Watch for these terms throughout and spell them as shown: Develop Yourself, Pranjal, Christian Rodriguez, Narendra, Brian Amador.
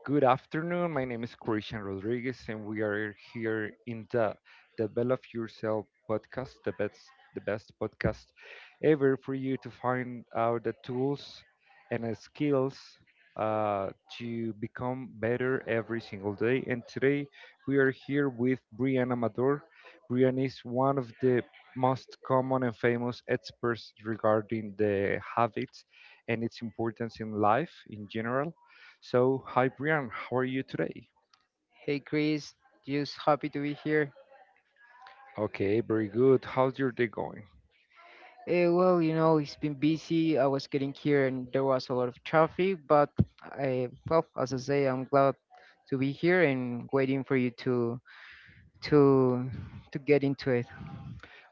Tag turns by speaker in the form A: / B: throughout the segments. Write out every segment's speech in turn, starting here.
A: Good afternoon. My name is Christian Rodriguez, and we are here in the Develop Yourself podcast, the best podcast ever for you to find out the tools and the skills uh, to become better every single day. And today we are here with Brian Amador. Brian is one of the most common and famous experts regarding the habits and its importance in life in general. So, hi Brian, how are you today?
B: Hey Chris, just happy to be here.
A: Okay, very good. How's your day going?
B: Well, it's been busy. I was getting here and there was a lot of traffic, but well, as I say, I'm glad to be here and waiting for you to to get into it.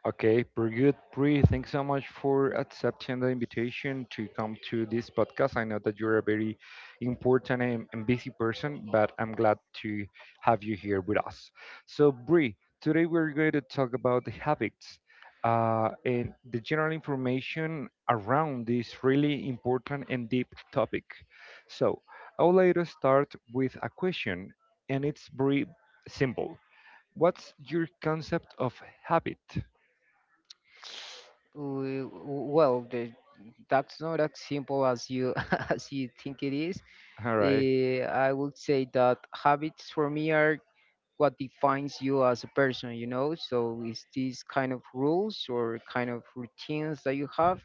A: Okay, pretty good. Pri, thanks so much for accepting the invitation to come to this podcast. I know that you're a very important and busy person, but I'm glad to have you here with us. So, Bri, today we're going to talk about the habits and the general information around this really important and deep topic. So, I would like to start with a question, and it's very simple. What's your concept of habit?
B: Well, that's not as simple as you as you think it is.
A: All right.
B: I would say that habits for me are what defines you as a person, you know? So it's these kind of rules or kind of routines that you have.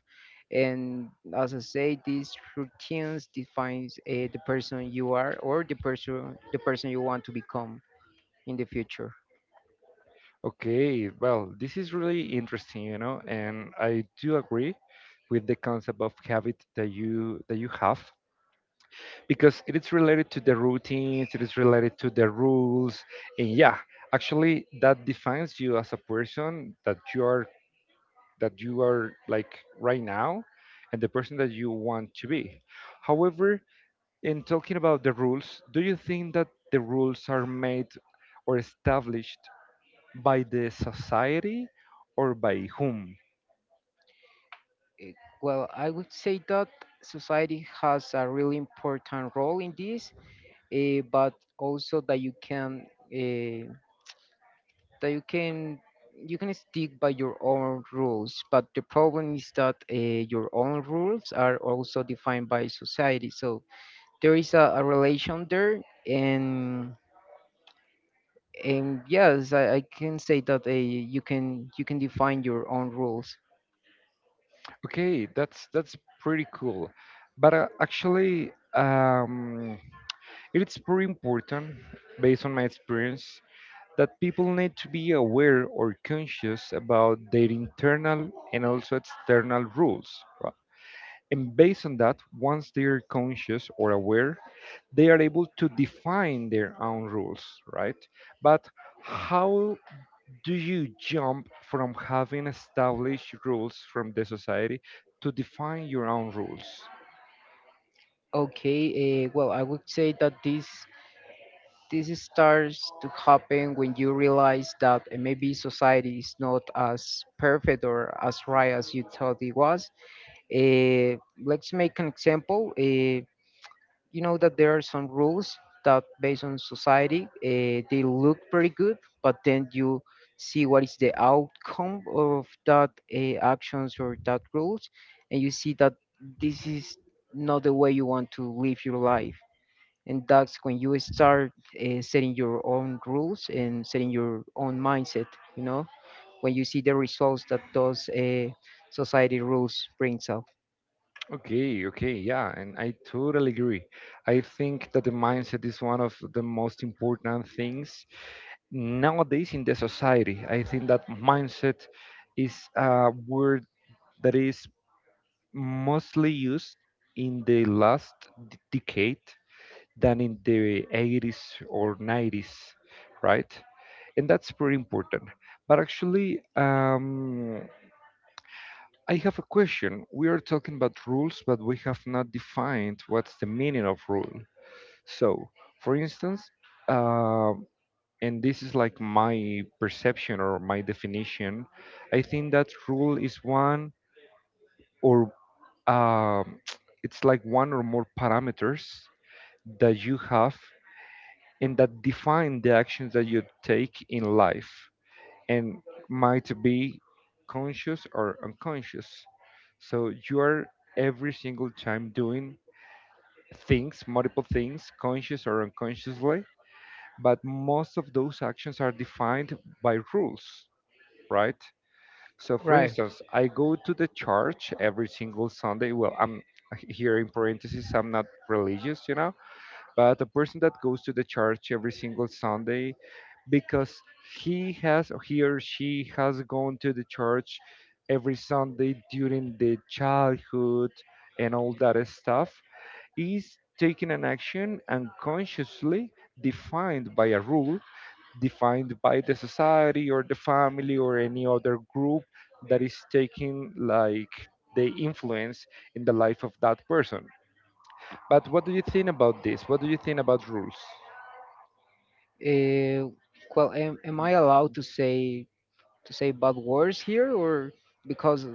B: And as I say, these routines defines the person you are or the person you want to become in the future.
A: Okay. Well, this is really interesting, you know, and I do agree with the concept of habit that you have, because it is related to the routines, it is related to the rules, and yeah, actually that defines you as a person, that you are like right now, and the person that you want to be. However, in talking about the rules, do you think that the rules are made or established by the society, or by whom?
B: Eh, Well, I would say that society has a really important role in this, but also that you can. eh, that you can stick by your own rules, but the problem is that your own rules are also defined by society. So there is a relation there, and and yes, I can say that you can define your own rules.
A: Okay, that's pretty cool. But actually, it's pretty important, based on my experience, that people need to be aware or conscious about their internal and also external rules, right? And based on that, once they are conscious or aware, they are able to define their own rules, right? But how do you jump from having established rules from the society to define your own rules?
B: Okay. Well, I would say that this is starts to happen when you realize that maybe society is not as perfect or as right as you thought it was. Let's make an example. You know that there are some rules that, based on society, they look pretty good, but then you see what is the outcome of that actions or that rules, and you see that this is not the way you want to live your life. And that's when you start setting your own rules and setting your own mindset. You know, when you see the results that those society rules brings up.
A: Okay, okay, yeah, and I totally agree. I think that the mindset is one of the most important things nowadays in the society. I think that mindset is a word that is mostly used in the last decade than in the 80s or 90s, right? And that's pretty important. But actually, I have a question. We are talking about rules, but we have not defined what's the meaning of rule. So, for instance, uh, and this is like my perception or my definition, I think that rule is one or um, it's like one or more parameters that you have and that define the actions that you take in life. And might be conscious or unconscious. So you are every single time doing things, multiple things, conscious or unconsciously, but most of those actions are defined by rules, right? So, for
B: Right.
A: instance, I go to the church every single Sunday. Well, I'm here in parentheses, I'm not religious, you know, but a person that goes to the church every single Sunday because he or she has gone to the church every Sunday during the childhood and all that stuff is taking an action unconsciously, defined by a rule, defined by the society or the family or any other group that is taking like the influence in the life of that person. But what do you think about this? What do you think about rules?
B: Uh, well, am I allowed to say bad words here, or because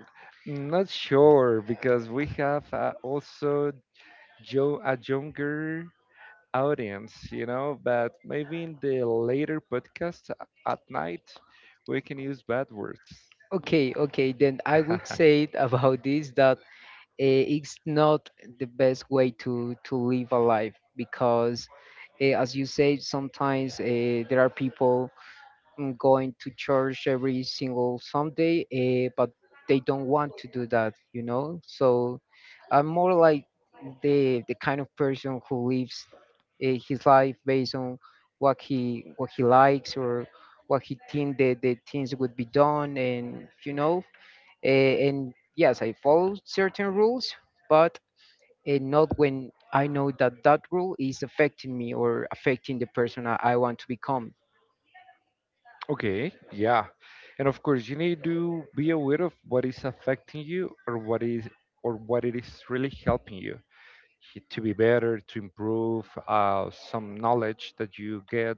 A: Mm, not sure, because we have also a younger audience, you know, but maybe in the later podcast at night we can use bad words.
B: okay, okay, then I would say it about this that it's not the best way to live a life, because, as you say, sometimes there are people going to church every single Sunday, but they don't want to do that, you know. So I'm more like the kind of person who lives his life based on what he likes or what he think that the things would be done, and and yes, I follow certain rules, but not when I know that that rule is affecting me or affecting the person I want to become.
A: Okay, yeah. And of course, you need to be aware of what is affecting you, or what is or what it is really helping you, to be better, to improve some knowledge that you get,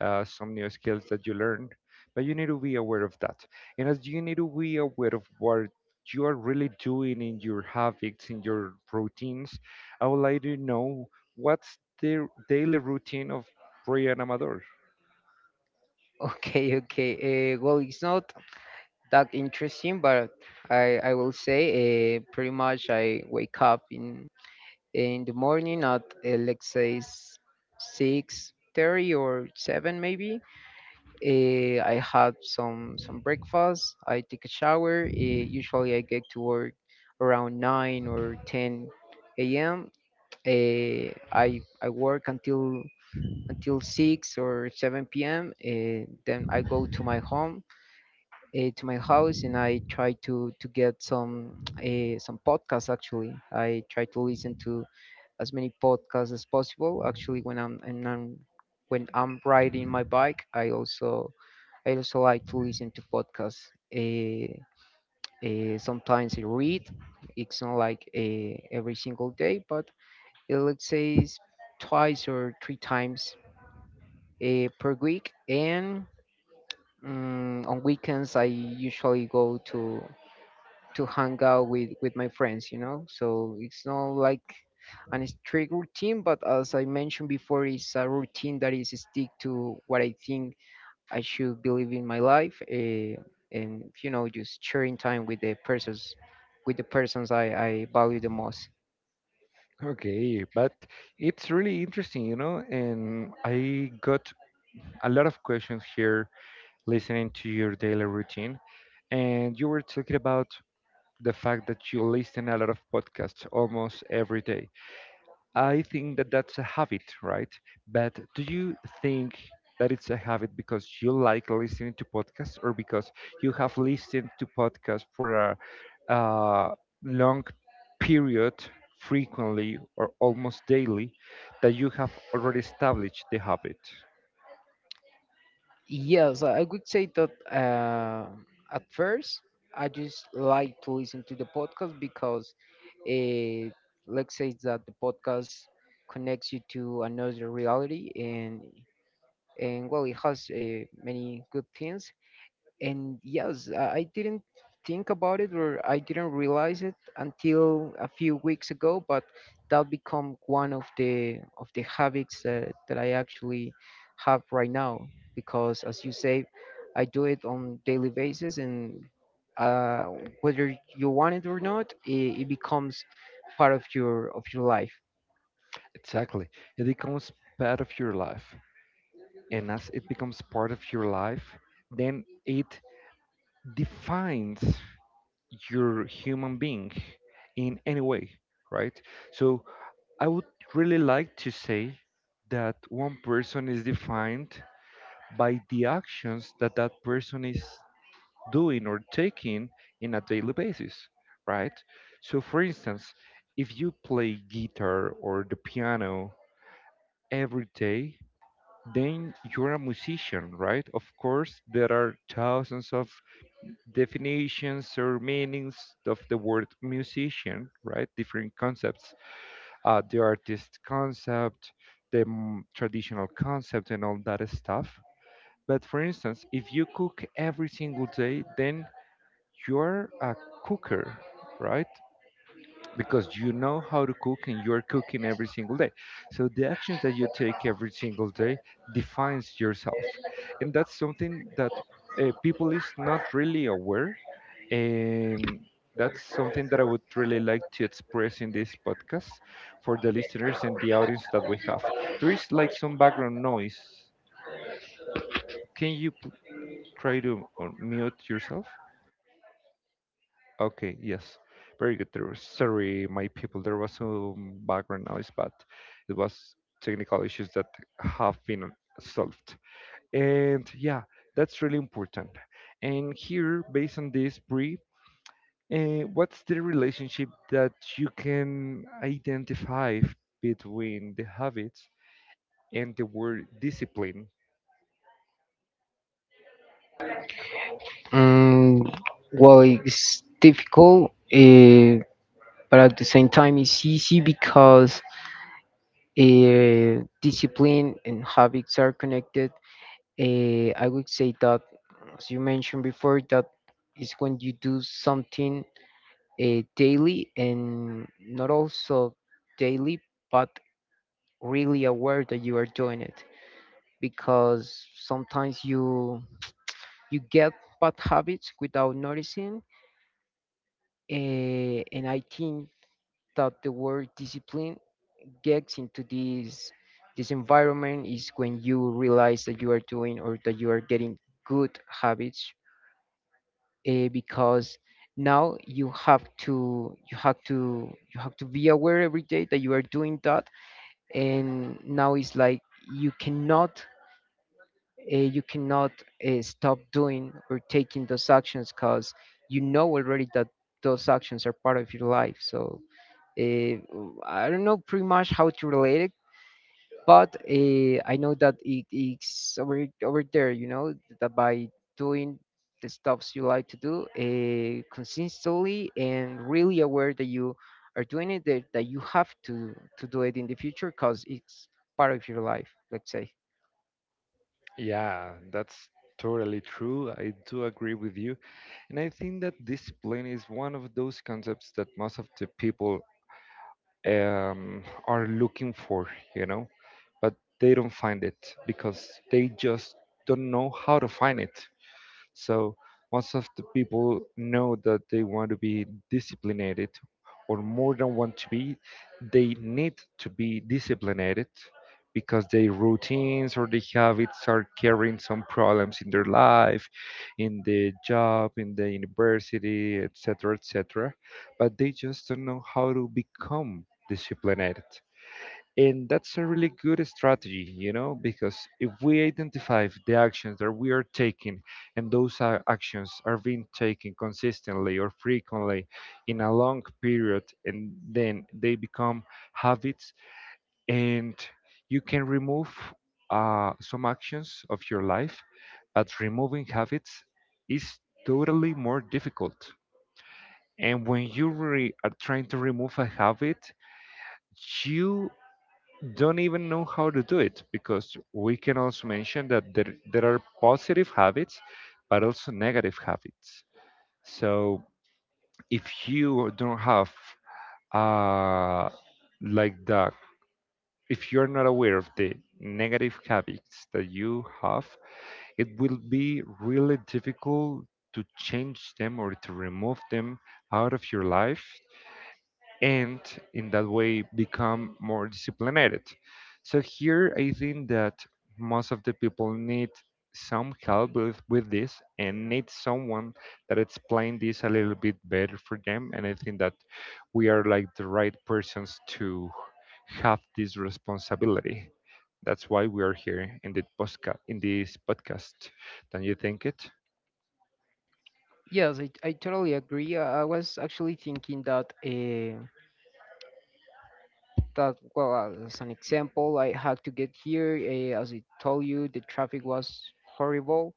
A: some new skills that you learn. But you need to be aware of that. And as you need to be aware of what you are really doing in your habits, in your routines, I would like to know what's the daily routine of Brian Amador.
B: Okay, okay. Well, it's not that interesting, but I will say pretty much I wake up in the morning at let's say 6:30 or seven maybe. I have some breakfast. I take a shower. Usually I get to work around 9 or 10 a.m. I work until 6 or 7 p.m. Then I go to my home, to my house, and I try to get some podcasts actually. I try to listen to as many podcasts as possible. Actually, when I'm riding my bike, I also like to listen to podcasts. Uh, Sometimes I read. It's not like every single day, but let's say it's twice or three times per week. And on weekends, I usually go to hang out with my friends, so it's not like an strict routine, but as I mentioned before, it's a routine that is stick to what I think I should believe in my life, and just sharing time with the persons I value the most.
A: Okay, but it's really interesting, you know, and I got a lot of questions here listening to your daily routine. And you were talking about the fact that you listen a lot of podcasts almost every day. I think that that's a habit, right? But do you think that it's a habit because you like listening to podcasts, or because you have listened to podcasts for a, uh long period, frequently or almost daily, that you have already established the habit?
B: Yes, I would say that at first I just like to listen to the podcast because it, let's say that the podcast connects you to another reality, and well, it has many good things. And yes, I didn't think about it or I didn't realize it until a few weeks ago, but that become one of the habits that, I actually have right now, because as you say, I do it on daily basis and, uh, whether you want it or not, it becomes part of your life.
A: Exactly. It becomes part of your life. And as it becomes part of your life, then it defines your human being in any way, right? So I would really like to say that one person is defined by the actions that that person is doing or taking in a daily basis, right? So, for instance, if you play guitar or the piano every day, then you're a musician, right? Of course, there are thousands of definitions or meanings of the word musician, right? Different concepts, the artist concept, the traditional concept, and all that stuff. But for instance, if you cook every single day, then you're a cooker, right? Because you know how to cook and you're cooking every single day. So the actions that you take every single day defines yourself. And that's something that people is not really aware, and that's something that I would really like to express in this podcast for the listeners and the audience that we have. There is like some background noise. Can you try to mute yourself? Okay, yes. Very good. There was, sorry, my people, there was some background noise, but it was technical issues that have been solved. And yeah, that's really important. And here, based on this, Brie, what's the relationship that you can identify between the habits and the word discipline?
B: Mm, well, it's difficult, but at the same time, it's easy, because discipline and habits are connected. I would say that, as you mentioned before, that is when you do something daily, and not also daily, but really aware that you are doing it, because sometimes you get bad habits without noticing. And I think that the word discipline gets into this environment. Is when you realize that you are doing or that you are getting good habits, because now you have to be aware every day that you are doing that. And now it's like you cannot, uh, you cannot stop doing or taking those actions, because you know already that those actions are part of your life. So, uh, I don't know pretty much how to relate it, but I know that it's over there. You know that by doing the stuffs you like to do consistently and really aware that you are doing it, that you have to do it in the future because it's part of your life. Let's say.
A: Yeah, that's totally true. I do agree with you. And I think that discipline is one of those concepts that most of the people are looking for, you know, but they don't find it because they just don't know how to find it. So most of the people know that they want to be disciplined, or more than want to be, they need to be disciplined, because their routines or their habits are carrying some problems in their life, in the job, in the university, etc., etc. But they just don't know how to become disciplined. And that's a really good strategy, you know, because if we identify the actions that we are taking, and those actions are being taken consistently or frequently in a long period, and then they become habits, and you can remove some actions of your life, but removing habits is totally more difficult. And when you are trying to remove a habit, you don't even know how to do it, because we can also mention that there are positive habits but also negative habits. So if you don't have uh like that if you're not aware of the negative habits that you have, it will be really difficult to change them or to remove them out of your life, and in that way become more disciplined. So here I think that most of the people need some help with this, and need someone that explain this a little bit better for them. And I think that we are like the right persons to have this responsibility. That's why we are here in the podcast, in this podcast. Don't you think it?
B: Yes, I totally agree. I was actually thinking that, well, as an example, I had to get here. As I told you, the traffic was horrible,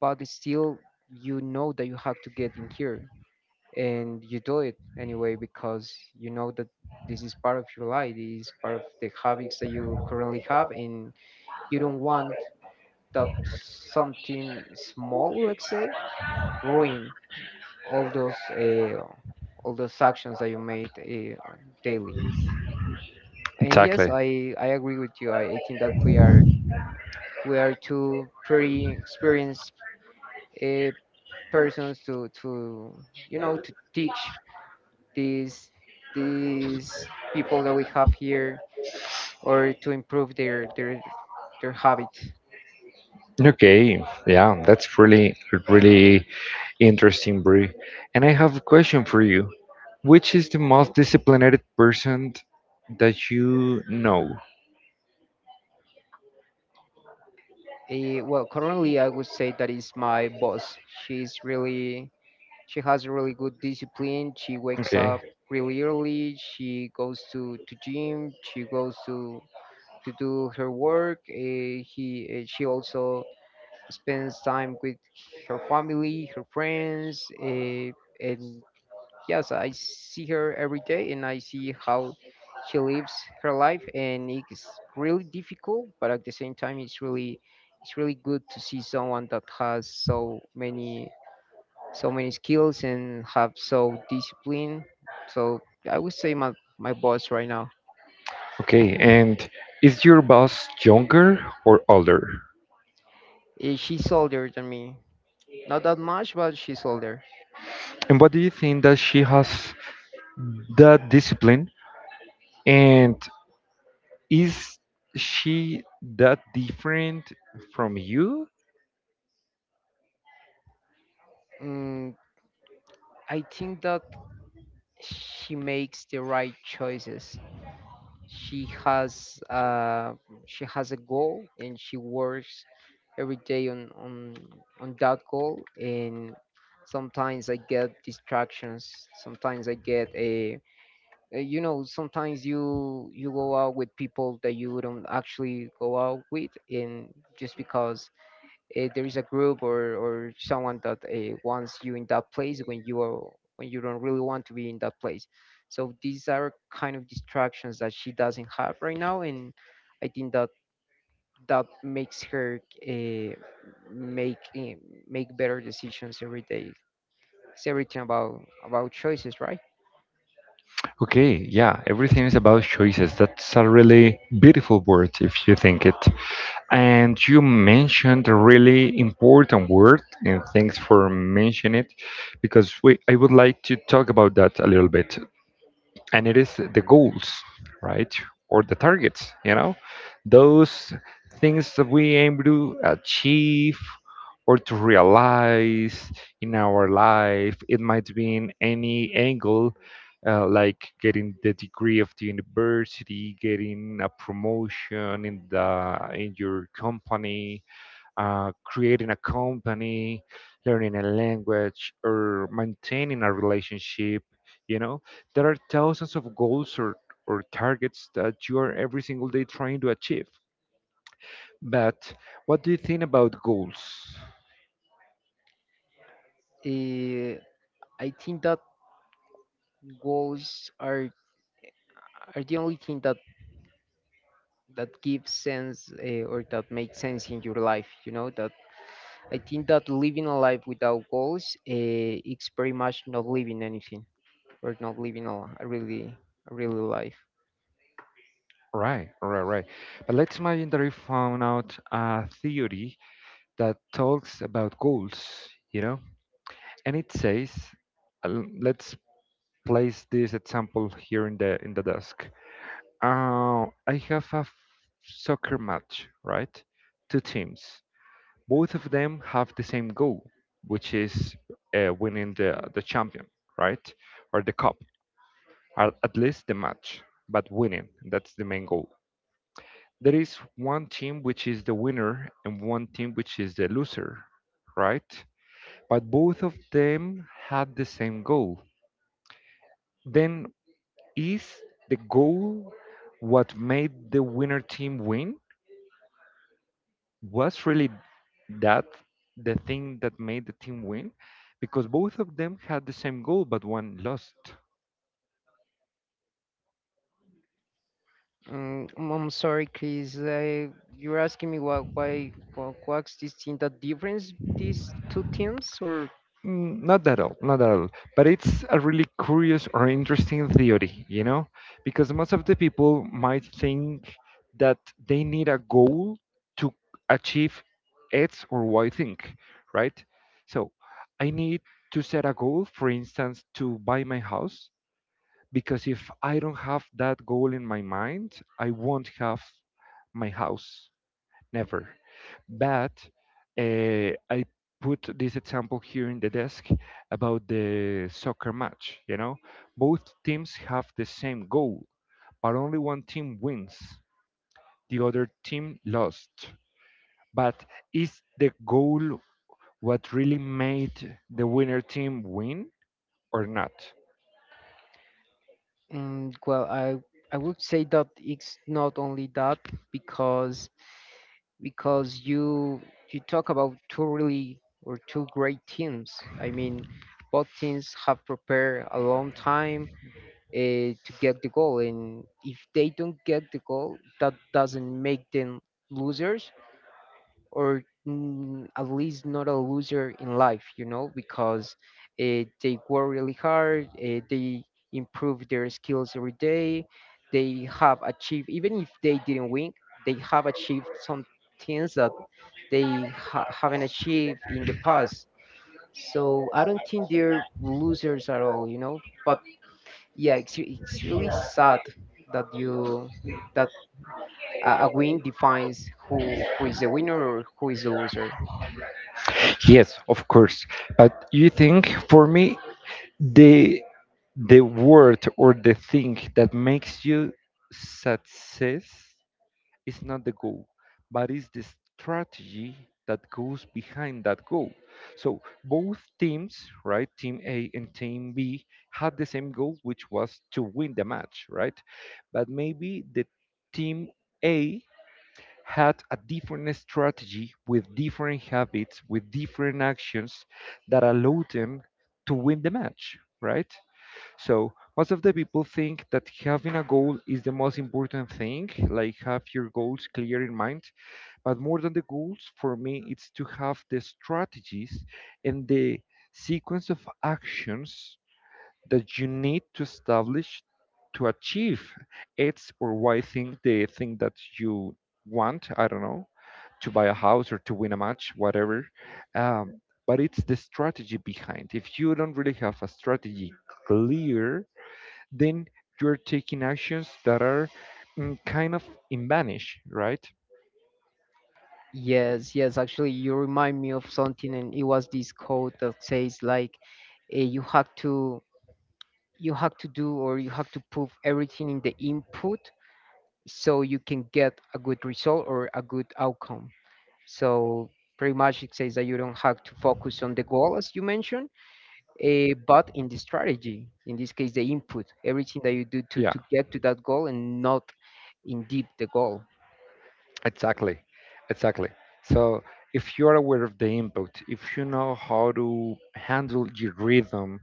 B: but it's still, you know that you have to get in here, and you do it anyway because you know that this is part of your life. This is part of the habits that you currently have, and you don't want that something small, let's say, ruin all those uh, all those actions that you made, daily. And yes,
A: Exactly.
B: I agree with you. I think that we are two pretty experienced, uh, persons to to teach these these people that we have here, or to improve their habits.
A: Okay, yeah, that's really, really interesting, Brie. And I have a question for you. Which is the most disciplined person that you know?
B: Well, currently I would say that is my boss. She's really she has a really good discipline. She wakes
A: Okay.
B: up really early. She goes to gym. She goes to do her work. He She also spends time with her family, her friends, and yes, I see her every day and I see how she lives her life, and it's really difficult, but at the same time, it's really good to see someone that has so many skills and have so discipline. So I would say my boss right now.
A: Okay. And is your boss younger or older?
B: She's older than me, not that much, but she's older.
A: And what do you think that she has that discipline? And is she that different from you?
B: Mm, I think that she makes the right choices. She has uh, she has a goal, and she works every day on that goal. And sometimes I get distractions. Sometimes I get a you know, sometimes you go out with people that you wouldn't actually go out with, and just because there is a group, or someone that wants you in that place when you are when you don't really want to be in that place. So these are kind of distractions that she doesn't have right now, and I think that that makes her, uh, make eh, make better decisions every day. It's everything about choices, right?
A: Okay. Yeah. Everything is about choices. That's a really beautiful word if you think it. And you mentioned a really important word, and thanks for mentioning it, because we, I would like to talk about that a little bit, and it is the goals, right? Or the targets, you know, those things that we aim to achieve or to realize in our life. It might be in any angle, like getting the degree of the university, getting a promotion in the in your company, creating a company, learning a language, or maintaining a relationship. You know, there are thousands of goals, or targets that you are every single day trying to achieve. But what do you think about goals?
B: uh, I think that goals are the only thing that gives sense, or that makes sense in your life. You know that I think that living a life without goals, it's pretty much not living anything, or not living a really life.
A: Right, right, right. But let's imagine that we found out a theory that talks about goals, you know, and it says, let's place this example here in the desk. I have a soccer match, right? Two teams. Both of them have the same goal, which is winning the champion, right? Or the cup, or at least the match, but winning. That's the main goal. There is one team which is the winner and one team which is the loser, right? But both of them had the same goal. Then is the goal what made the winner team win? Was really that the thing that made the team win? Because both of them had the same goal, but one lost.
B: I'm sorry, Chris. You're asking me what's this thing that difference these two teams, or?
A: Not at all, not at all. But it's a really curious or interesting theory, you know? Because most of the people might think that they need a goal to achieve X or Y thing, right? So I need to set a goal, for instance, to buy my house, because if I don't have that goal in my mind, I won't have my house, never. But I put this example here in the desk about the soccer match. You know, both teams have the same goal, but only one team wins, the other team lost. But is the goal what really made the winner team win or not?
B: Well, I would say that it's not only that, because because you you talk about two really or two great teams. I mean, both teams have prepared a long time to get the goal, and if they don't get the goal, that doesn't make them losers, or at least not a loser in life, you know, because they work really hard. They improve their skills every day. They have achieved, even if they didn't win, they have achieved some things that they haven't achieved in the past. So I don't think they're losers at all, you know. But yeah, it's really sad that you that a win defines who is the winner or who is the loser.
A: Yes, of course. But you think for me, the the word or the thing that makes you success is not the goal, but is the strategy that goes behind that goal. So both teams, right, team A and team B, had the same goal, which was to win the match, right? But maybe the team A had a different strategy with different habits, with different actions that allowed them to win the match, right? So most of the people think that having a goal is the most important thing, like have your goals clear in mind. But more than the goals, for me, it's to have the strategies and the sequence of actions that you need to establish to achieve X or Y thing, the thing that you want, I don't know, to buy a house or to win a match, whatever. Um, but it's the strategy behind. If you don't really have a strategy clear, then you're taking actions that are kind of in vanish, right?
B: Yes, yes, actually, you remind me of something, and it was this code that says like, you have to do, or you have to put everything in the input so you can get a good result or a good outcome. So pretty much it says that you don't have to focus on the goal, as you mentioned, but in the strategy, in this case, the input, everything that you do to
A: Yeah,
B: get to that goal, and not in deep the goal.
A: exactly, exactly. So if you are aware of the impact, if you know how to handle your rhythm,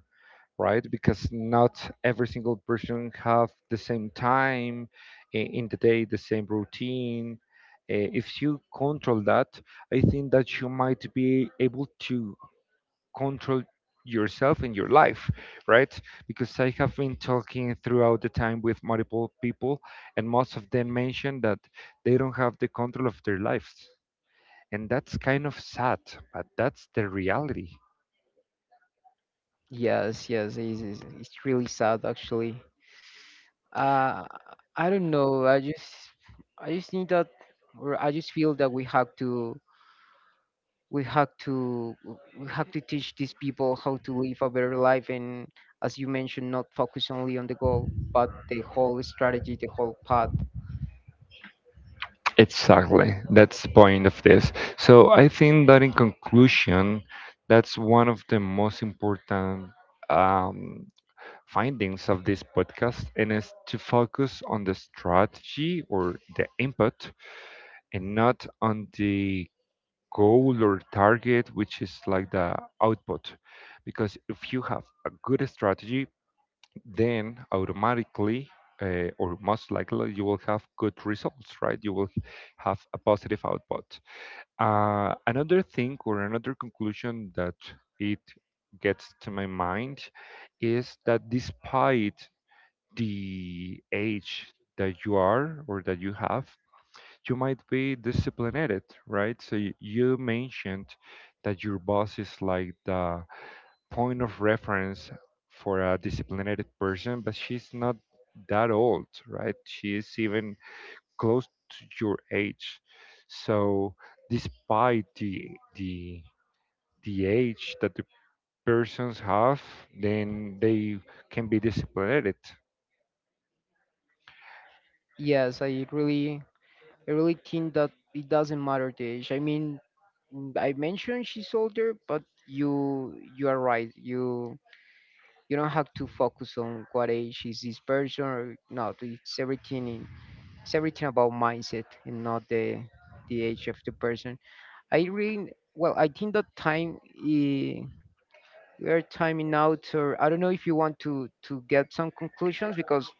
A: right? Because not every single person have the same time in the day, the same routine. If you control that, I think that you might be able to control yourself in your life, right? Because I have been talking throughout the time with multiple people, and most of them mention that they don't have the control of their lives. And that's kind of sad, but that's the reality.
B: Yes, yes, it's really sad actually. Uh, I don't know. I just think that, or I just feel that we have to we have to teach these people how to live a better life, and as you mentioned, not focus only on the goal, but the whole strategy, the whole path.
A: Exactly. That's the point of this. So I think that in conclusion, that's one of the most important um, findings of this podcast, and is to focus on the strategy or the input and not on the goal or target, which is like the output. Because if you have a good strategy, then automatically or most likely you will have good results, right? You will have a positive output. Another thing or another conclusion that it gets to my mind is that despite the age that you are or that you have, you might be disciplined, right? So you mentioned that your boss is like the point of reference for a disciplined person, but she's not that old, right? She is even close to your age. So despite the the age that the persons have, then they can be disciplined.
B: Yes, I really think that it doesn't matter the age. I mean, I mentioned she's older, but you are right. You don't have to focus on what age is this person or not. It's everything in it's everything about mindset and not the age of the person. I really Well, I think that time, eh, we are timing out, or I don't know if you want to get some conclusions, because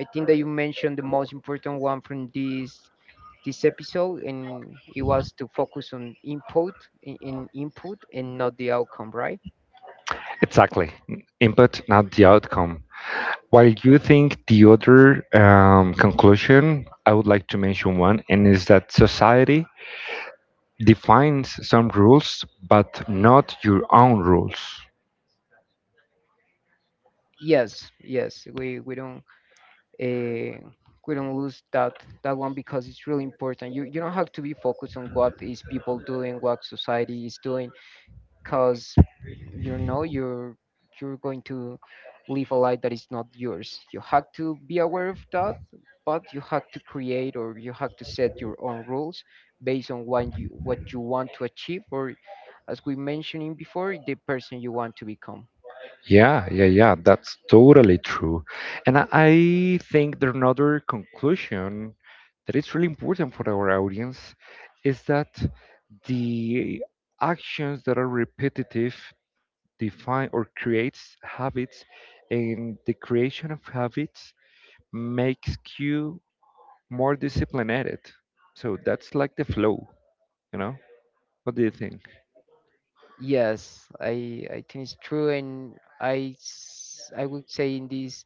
B: I think that you mentioned the most important one from this episode, and it was to focus on input, in input and not the outcome, right?
A: Exactly. Input, not the outcome. While you think the other conclusion, I would like to mention one, and is that society defines some rules, but not your own rules.
B: Yes, yes, uh, we don't lose that one, because it's really important. You don't have to be focused on what is people doing, what society is doing, because you know you're you're going to live a life that is not yours. You have to be aware of that, but you have to create, or you have to set your own rules, based on what you want to achieve, or as we mentioned before, the person you want to become.
A: Yeah, yeah, yeah, that's totally true. And I think that another conclusion that is really important for our audience is that the actions that are repetitive define or creates habits, and the creation of habits makes you more disciplined at it. So that's like the flow, you know? What do you think?
B: Yes, I think it's true, and I would say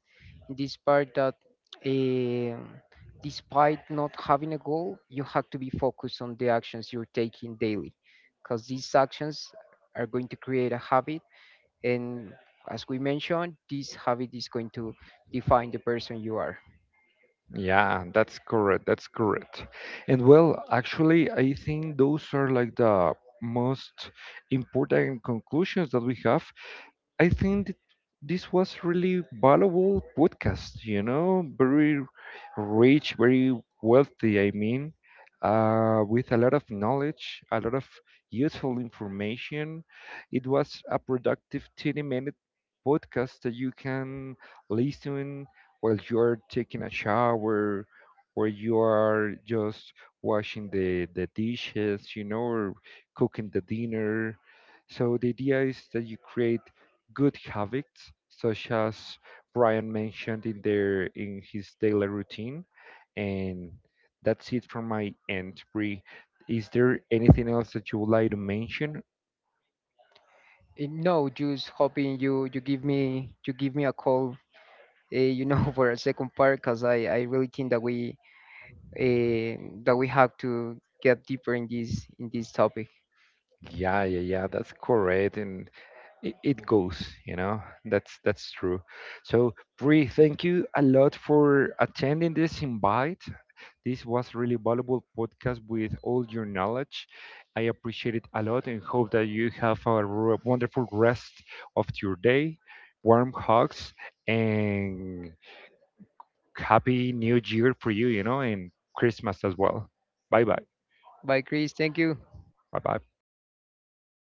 B: in this part that um despite not having a goal, you have to be focused on the actions you're taking daily, because these actions are going to create a habit, and as we mentioned, this habit is going to define the person you are.
A: Yeah, that's correct. That's correct. And well, actually, I think those are like the most important conclusions that we have. I think th- this was really valuable podcast, you know, very rich, very wealthy, I mean, with a lot of knowledge, a lot of useful information. It was a productive 30-minute minute podcast that you can listen while you're taking a shower or you are just washing the dishes, you know, or cooking the dinner. So the idea is that you create good habits, such as Brian mentioned in their in his daily routine. And that's it from my end, Bree. Is there anything else that you would like to mention?
B: And no, just hoping you you give me a call, for a second part, because I really think that we, uh, have to get deeper in this topic.
A: Yeah, yeah, yeah, that's correct, and it goes, you know, that's true. So, Bree, thank you a lot for attending this invite. This was really valuable podcast with all your knowledge. I appreciate it a lot and hope that you have a wonderful rest of your day. Warm hugs and happy new year for you, you know, and Christmas as well. Bye bye.
B: Bye, Chris. Thank you.
A: Bye bye.